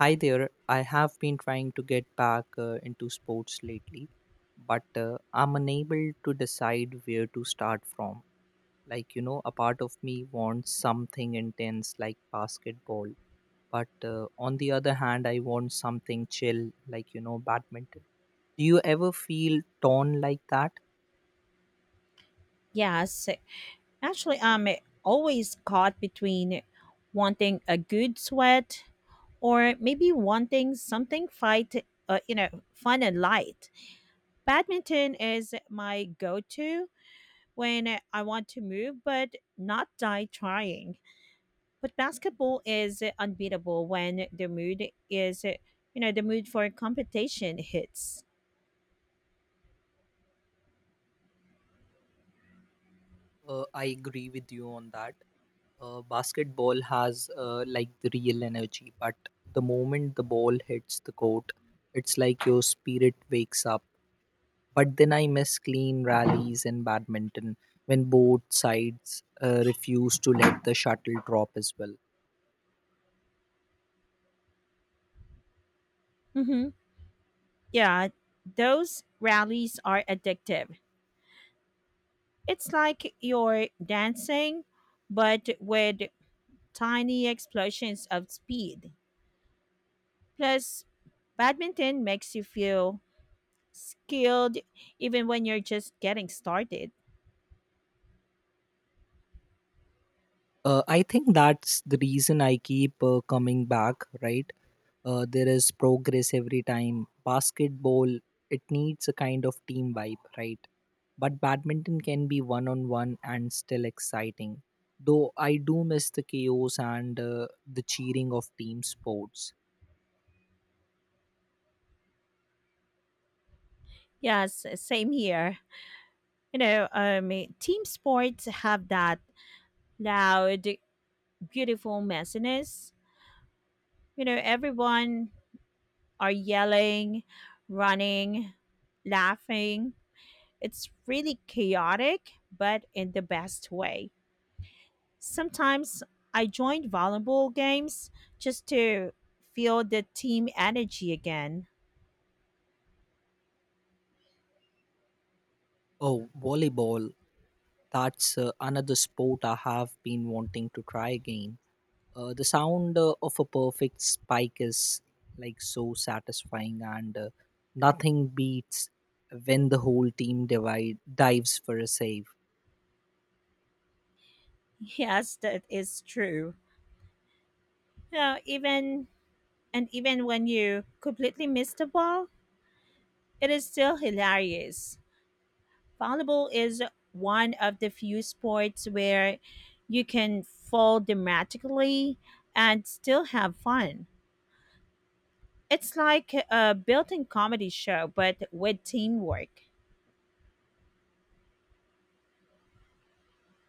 Hi there. I have been trying to get back into sports lately, but I'm unable to decide where to start from. A part of me wants something intense like basketball, but on the other hand, I want something chill like, badminton. Do you ever feel torn like that? Yes, actually, I'm always caught between wanting a good sweat or maybe wanting something you know, fun and light. Badminton is my go-to when I want to move, but not die trying. But basketball is unbeatable when the mood is, you know, the mood for competition hits. I agree with you on that. Basketball has like the real energy, but the moment the ball hits the court, it's like your spirit wakes up. But then I miss clean rallies in badminton when both sides refuse to let the shuttle drop as well. Mm-hmm. Yeah, those rallies are addictive. It's like you're dancing, but with tiny explosions of speed. Plus, badminton makes you feel skilled even when you're just getting started. I think that's the reason I keep coming back, right? There is progress every time. Basketball, it needs a kind of team vibe, right? But badminton can be one on one and still exciting. Though I do miss the chaos and the cheering of team sports. Yes, same here. you know, um, Team sports have that loud, beautiful messiness. You know, everyone are yelling, running, laughing. It's really chaotic, but in the best way. Sometimes I join volleyball games just to feel the team energy again. Oh, volleyball, that's another sport I have been wanting to try again. The sound of a perfect spike is like so satisfying, and nothing beats when the whole team divide, dives for a save. Yes, that is true. You know, even And even when you completely miss the ball, it is still hilarious. Volleyball is one of the few sports where you can fall dramatically and still have fun. It's like a built in comedy show, but with teamwork.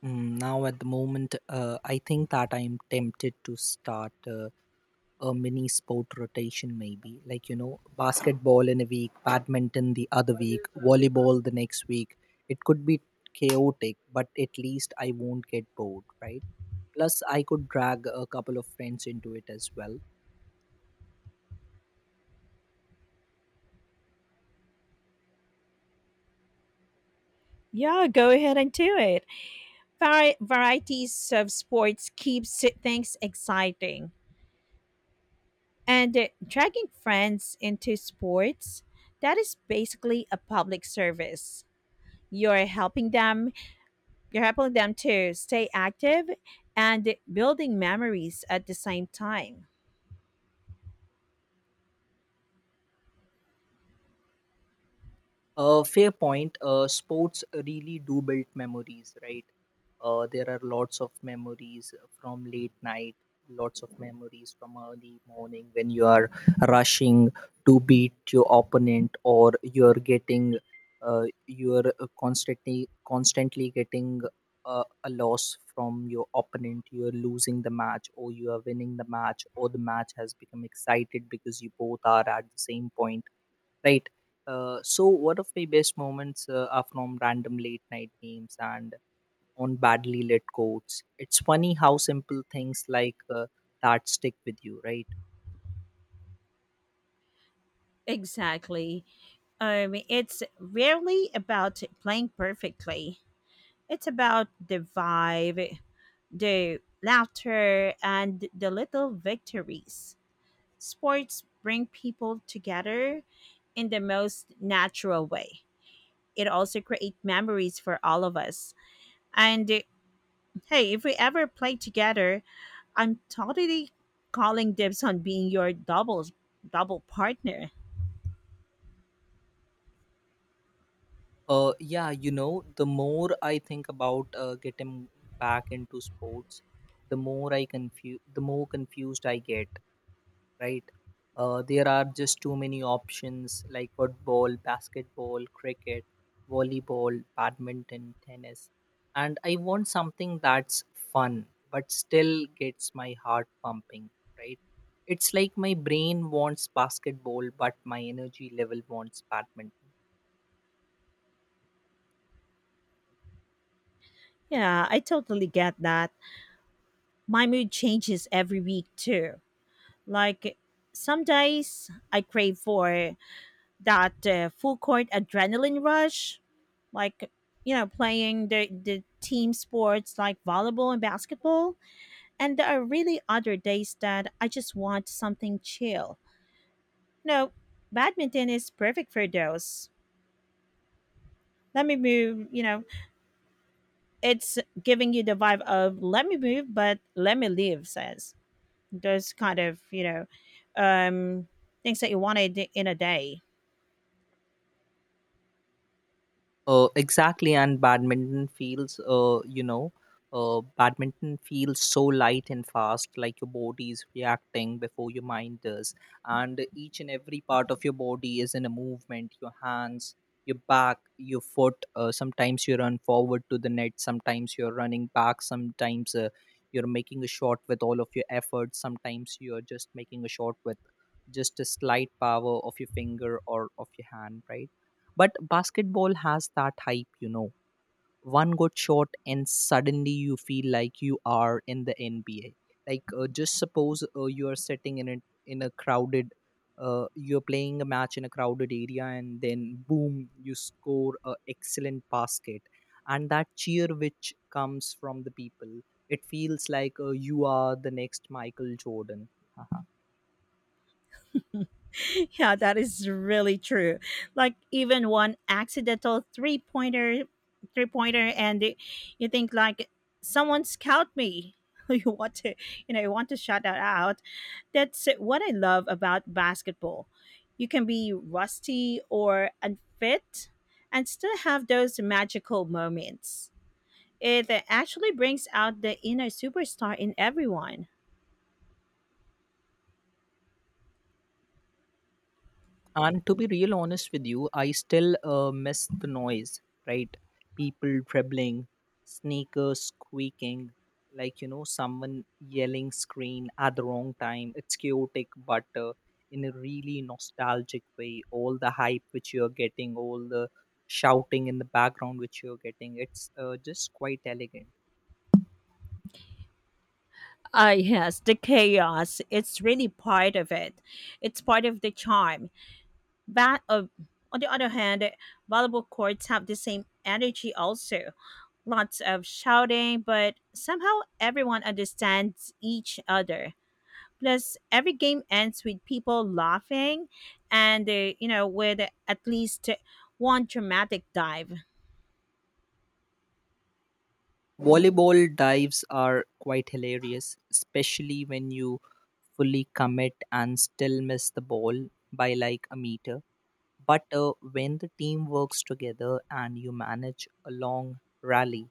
Now, at the moment, I think that I'm tempted to start a mini sport rotation, maybe. Like, basketball in a week, badminton the other week, volleyball the next week. It could be chaotic, but at least I won't get bored, right? Plus I could drag a couple of friends into it as well. Yeah, go ahead and do it. Varieties of sports keeps things exciting. And dragging friends into sports, that is basically a public service. you're helping them you're helping them to stay active and building memories at the same time. Fair point. Sports really do build memories, right? There are lots of memories from late night, lots of memories from early morning when you are rushing to beat your opponent, or you're constantly getting a loss from your opponent. You're losing the match, or you are winning the match, or the match has become excited because you both are at the same point, right. So one of my best moments are from random late night games and on badly lit courts. It's funny how simple things like that stick with you, right? Exactly. It's rarely about playing perfectly, it's about the vibe, the laughter and the little victories. Sports bring people together in the most natural way. It also create memories for all of us. And hey, if we ever play together, I'm totally calling dibs on being your double partner. The more I think about getting back into sports, the more confused I get, right? There are just too many options like football, basketball, cricket, volleyball, badminton, tennis. And I want something that's fun but still gets my heart pumping, right? It's like my brain wants basketball, but my energy level wants badminton. Yeah, I totally get that. My mood changes every week too. Like some days I crave for that full court adrenaline rush, like playing the team sports like volleyball and basketball, and there are really other days that I just want something chill. No, badminton is perfect for those. Let me move, you know, it's giving you the vibe of let me move but let me leave says those kind of um things that you wanted in a day. Exactly, and badminton feels so light and fast, like your body is reacting before your mind does. And each and every part of your body is in a movement, your hands, your back, your foot. Sometimes you run forward to the net, sometimes you're running back, sometimes you're making a shot with all of your effort, sometimes you're just making a shot with just a slight power of your finger or of your hand, right? But basketball has that hype, One good shot, and suddenly you feel like you are in the NBA. Like, just suppose you are sitting in a crowded, you're playing a match in a crowded area, and then boom, you score a excellent basket. And that cheer which comes from the people, it feels like you are the next Michael Jordan. Yeah, that is really true. Like even one accidental three pointer, and you think like someone scout me. You want to, you want to shout that out. That's what I love about basketball. You can be rusty or unfit, and still have those magical moments. It actually brings out the inner superstar in everyone. And to be real honest with you, I still miss the noise, right? People dribbling, sneakers squeaking, like, someone yelling screen at the wrong time. It's chaotic, but in a really nostalgic way. All the hype which you're getting, all the shouting in the background which you're getting, it's just quite elegant. Ah, yes, the chaos. It's really part of it. It's part of the charm. But On the other hand, volleyball courts have the same energy also. Lots of shouting, but somehow everyone understands each other. Plus, every game ends with people laughing and with at least one dramatic dive. Volleyball dives are quite hilarious, especially when you fully commit and still miss the ball by like a meter. But when the team works together and you manage a long rally,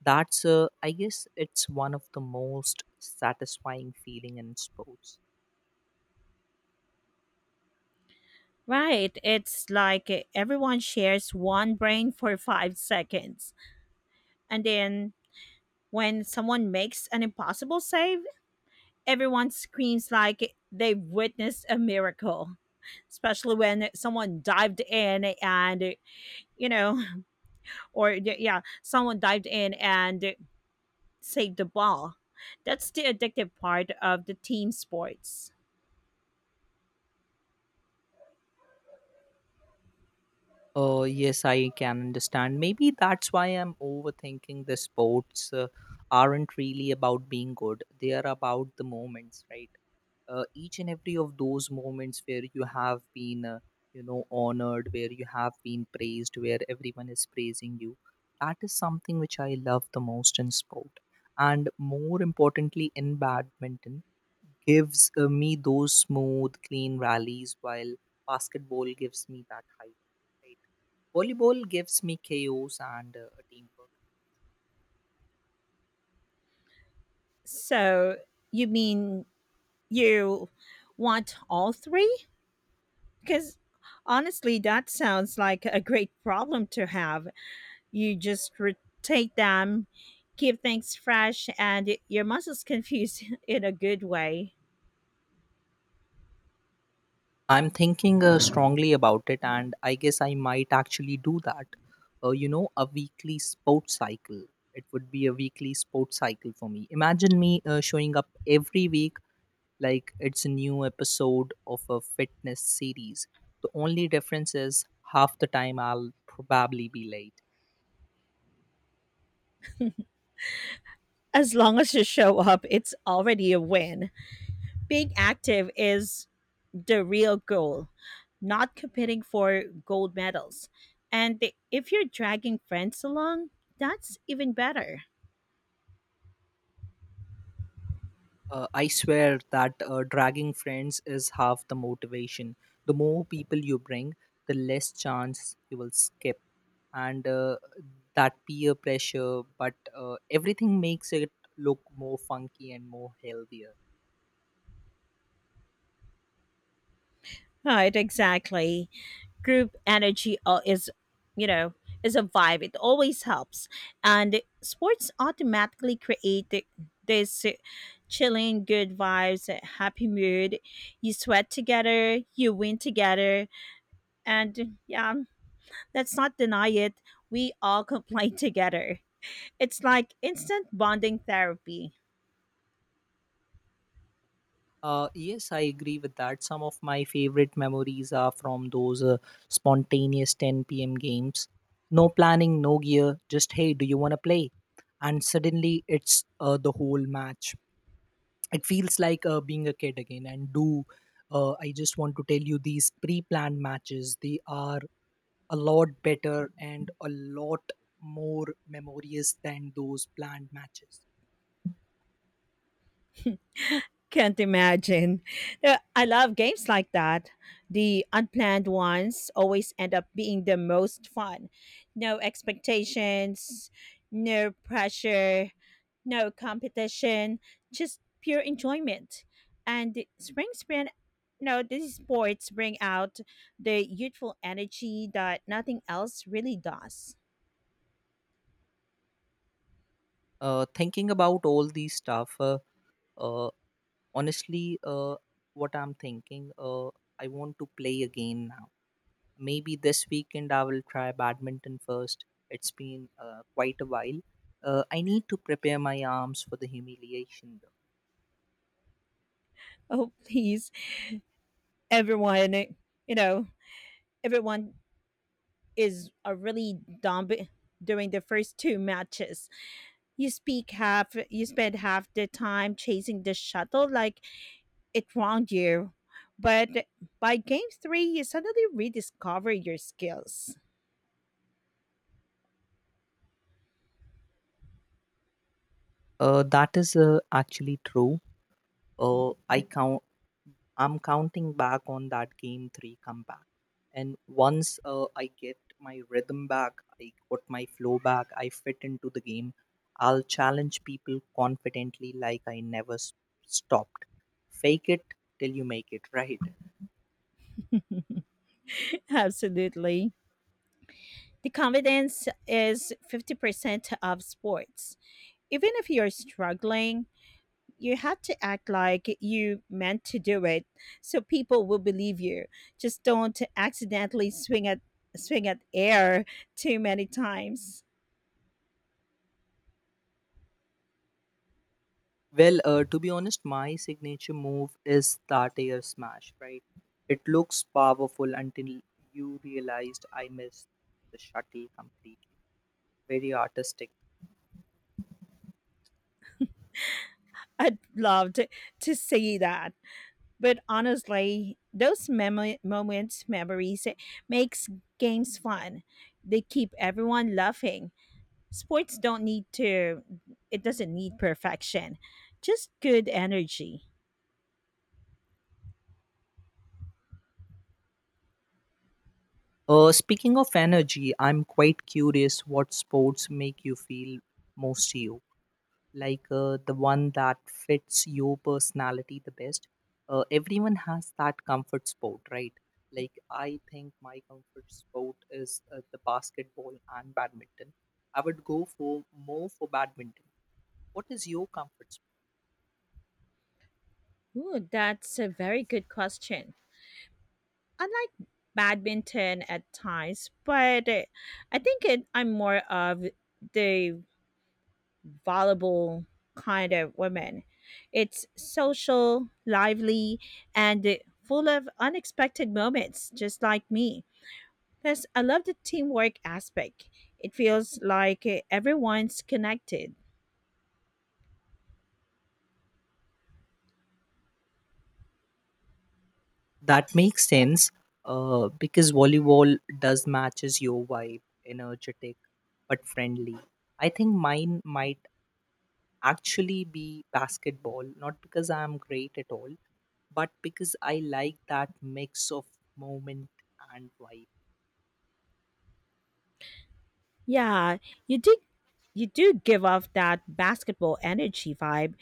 that's I guess it's one of the most satisfying feeling in sports. Right. It's like everyone shares one brain for five seconds. And then When someone makes an impossible save, everyone screams like they've witnessed a miracle, especially when someone dived in and, you know, or yeah, someone dived in and saved the ball. That's the addictive part of the team sports. Yes, I can understand. Maybe that's why I'm overthinking the sports aren't really about being good. They are about the moments, right? Each and every of those moments where you have been honored, where you have been praised, where everyone is praising you, that is something which I love the most in sport. And more importantly, in badminton gives me those smooth clean rallies, while basketball gives me that height, right? Volleyball gives me chaos and a teamwork. So you mean you want all three? Because honestly, that sounds like a great problem to have. You just rotate them, keep things fresh, and your muscles confused in a good way. I'm thinking strongly about it, and I guess I might actually do that. A weekly sports cycle. It would be a weekly sports cycle for me. Imagine me showing up every week like it's a new episode of a fitness series. The only difference is half the time I'll probably be late. As long as you show up, it's already a win. Being active is the real goal, not competing for gold medals. And if you're dragging friends along, that's even better. I swear that dragging friends is half the motivation. The more people you bring, the less chance you will skip, and that peer pressure but everything makes it look more funky and more healthier. Right, exactly. Group energy is you know is a vibe, it always helps, and sports automatically create this chilling good vibes, happy mood. You sweat together, you win together, and yeah, let's not deny it, we all complain together. It's like instant bonding therapy. Uh, yes i agree with that. Some of my favorite memories are from those spontaneous 10 p.m games. No planning, no gear, just hey, do you want to play, and suddenly it's the whole match. It feels like being a kid again. And do uh, i just want to tell you, these pre-planned matches, they are a lot better and a lot more memorious than those planned matches. Can't imagine. I love games like that. The unplanned ones always end up being the most fun. No expectations, no pressure, no competition, just pure enjoyment. And the spring sprint, no, These sports bring out the youthful energy that nothing else really does. Thinking about all these stuff, uh, honestly, what I'm thinking, I want to play again now. Maybe this weekend I will try badminton first. It's been quite a while. I need to prepare my arms for the humiliation, though. Oh, please. Everyone, you know, Everyone is a really dumb during the first two matches. You spend half the time chasing the shuttle like it wronged you. But by game three, you suddenly rediscover your skills. That is actually true. I count. I'm counting back on that game 3 comeback. And once I get my rhythm back, I got my flow back, I fit into the game, I'll challenge people confidently like I never stopped. Fake it till you make it, right? Absolutely. The confidence is 50% of sports. Even if you're struggling, you have to act like you meant to do it so people will believe you. Just don't accidentally swing at air too many times. Well, to be honest, my signature move is that air smash, right? It looks powerful until you realized I missed the shuttle completely. Very artistic. I'd love to see that. But honestly those memo- moments memories, it makes games fun, they keep everyone laughing. Sports don't need to It doesn't need perfection, just good energy. Speaking of energy, I'm quite curious what sports make you feel most you, like the one that fits your personality the best. Everyone has that comfort sport, right? Like I think my comfort sport is the basketball and badminton. I would go for more for badminton. What is your comfort sport? Ooh, that's a very good question. I like badminton at times, but I think I'm more of the volleyball kind of woman. It's social, lively, and full of unexpected moments, just like me. Plus, I love the teamwork aspect. It feels like everyone's connected. That makes sense, because volleyball does matches your vibe, energetic but friendly. I think mine might actually be basketball, not because I'm great at all, but because I like that mix of moment and vibe. Yeah, you did. You do give off that basketball energy vibe,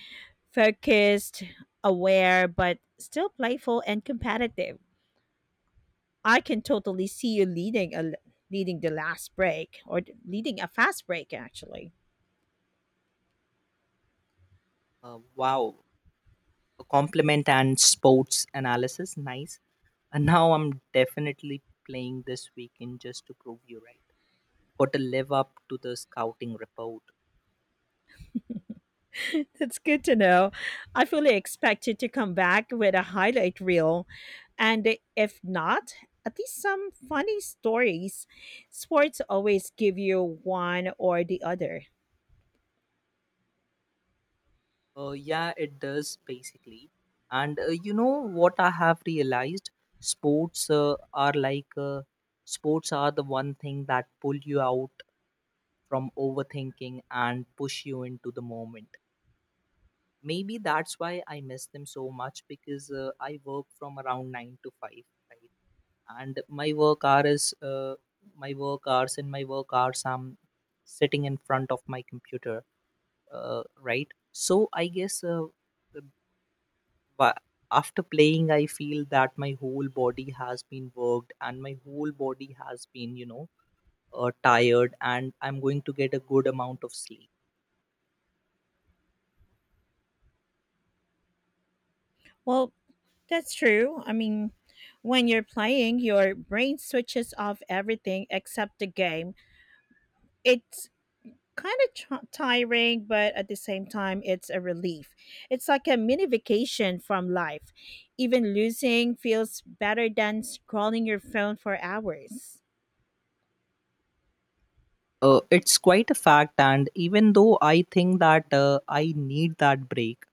focused, aware, but still playful and competitive. I can totally see you leading the last break or leading a fast break actually. Wow, a compliment and sports analysis, nice. And now I'm definitely playing this weekend just to prove you right. Got to live up to the scouting report. That's good to know. I fully expect you to come back with a highlight reel and if not, at least some funny stories. Sports always give you one or the other. Yeah, it does basically. And you know what I have realized? Sports uh, are like uh, Sports are the one thing that pull you out from overthinking and push you into the moment. Maybe that's why I miss them so much, because I work from around 9 to 5, right? And in my work hours, I'm sitting in front of my computer, right? So I guess but after playing, I feel that my whole body has been worked and my whole body has been, tired, and I'm going to get a good amount of sleep. Well, that's true. I mean, when you're playing, your brain switches off everything except the game. It's kind of tiring, but at the same time, it's a relief. It's like a mini vacation from life. Even losing feels better than scrolling your phone for hours. It's quite a fact, and even though I think that I need that break,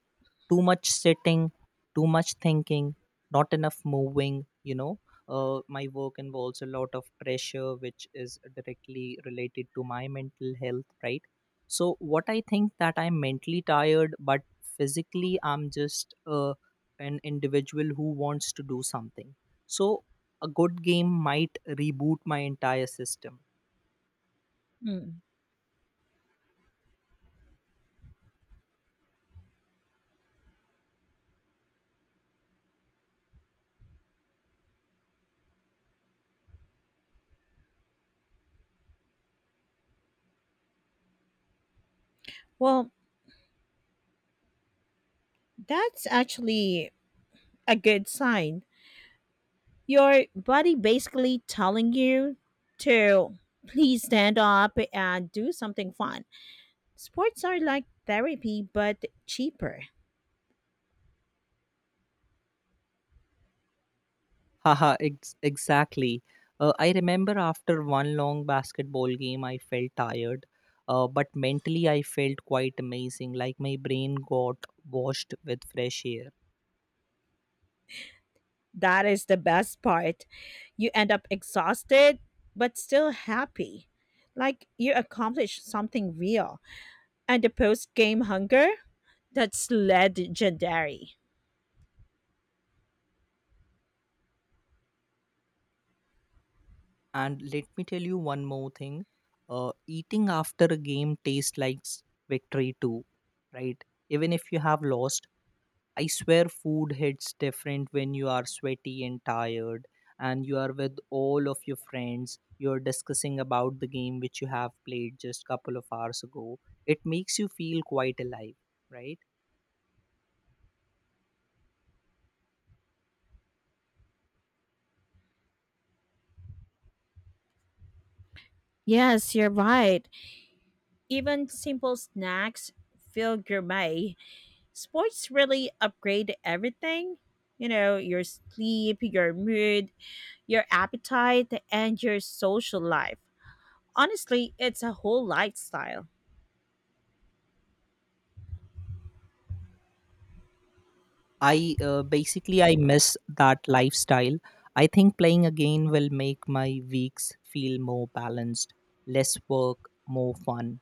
too much sitting, too much thinking, not enough moving, you know. My work involves a lot of pressure, which is directly related to my mental health, right? So, what I think that I'm mentally tired, but physically, I'm just an individual who wants to do something. So, a good game might reboot my entire system. Mm. Well, that's actually a good sign. Your body basically telling you to please stand up and do something fun. Sports are like therapy, but cheaper. Exactly. I remember after one long basketball game, I felt tired, but mentally I felt quite amazing. Like my brain got washed with fresh air. That is the best part. You end up exhausted, but still happy. Like you accomplished something real. And the post game hunger? That's legendary. And let me tell you one more thing. Eating after a game tastes like victory too, right? Even if you have lost, I swear food hits different when you are sweaty and tired and you are with all of your friends. You're discussing about the game which you have played just couple of hours ago. It makes you feel quite alive, right? Yes, you're right. Even simple snacks feel gourmet. Sports really upgrade everything. You know, your sleep, your mood, your appetite, and your social life. Honestly, it's a whole lifestyle. I basically I miss that lifestyle. I think playing again will make my weeks feel more balanced, less work, more fun.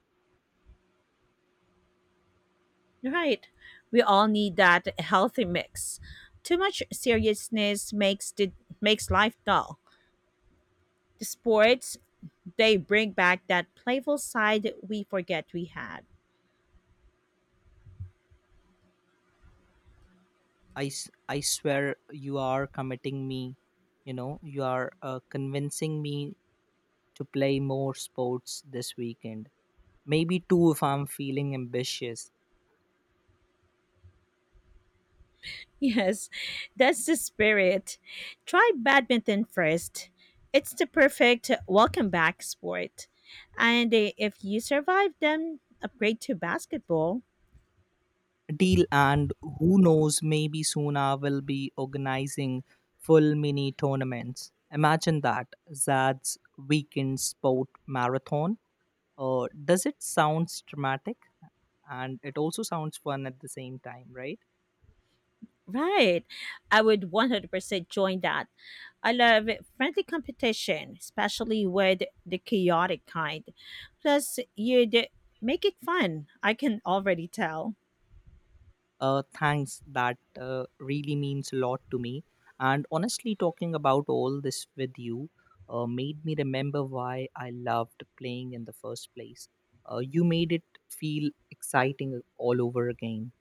Right. We all need that healthy mix. Too much seriousness makes makes life dull. The sports, they bring back that playful side we forget we had. I swear you are committing me, you are convincing me to play more sports this weekend. Maybe two if I'm feeling ambitious. Yes, that's the spirit. Try badminton first. It's the perfect welcome back sport. And if you survive, then upgrade to basketball. Deal, and who knows, maybe soon I will be organizing full mini tournaments. Imagine that, Zad's weekend sport marathon. Does it sounds dramatic? And it also sounds fun at the same time, right? Right. I would 100% join that. I love friendly competition, especially with the chaotic kind. Plus, you'd make it fun. I can already tell. Thanks, that really means a lot to me. And honestly, talking about all this with you made me remember why I loved playing in the first place. You made it feel exciting all over again.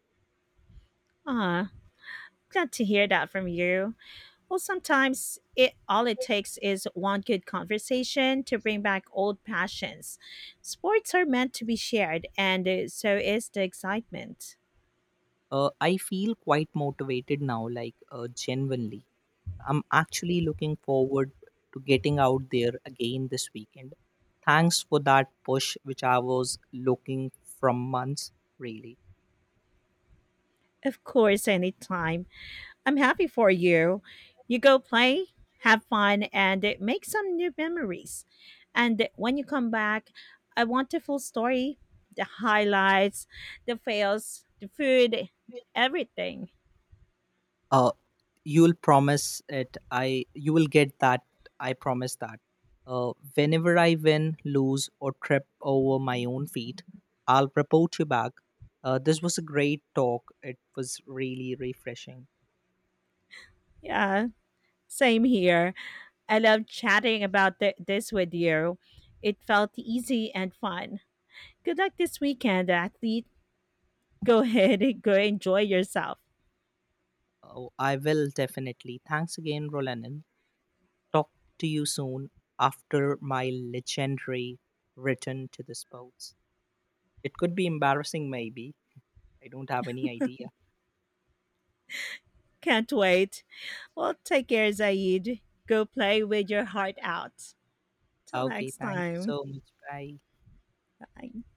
Ah, glad to hear that from you. Well, sometimes it all it takes is one good conversation to bring back old passions. Sports are meant to be shared, and so is the excitement. I feel quite motivated now, like genuinely. I'm actually looking forward to getting out there again this weekend. Thanks for that push, which I was looking from months, really. Of course, anytime. I'm happy for you. You go play, have fun, and make some new memories. And when you come back, I want the full story, the highlights, the fails, the food, everything. Uh, you'll promise it I you will get that, I promise that, whenever I win, lose, or trip over my own feet, I'll report you back. This was a great talk, it was really refreshing. Yeah, same here. I love chatting about this with you. It felt easy and fun. Good luck this weekend, athlete. Go ahead and go enjoy yourself. Oh, I will definitely. Thanks again, Rolanin. Talk to you soon after my legendary return to the sports. It could be embarrassing, maybe, I don't have any idea. Can't wait. Well, take care, Zaid. Go play with your heart out. Till Okay, next thank you time. so much, bye. Bye.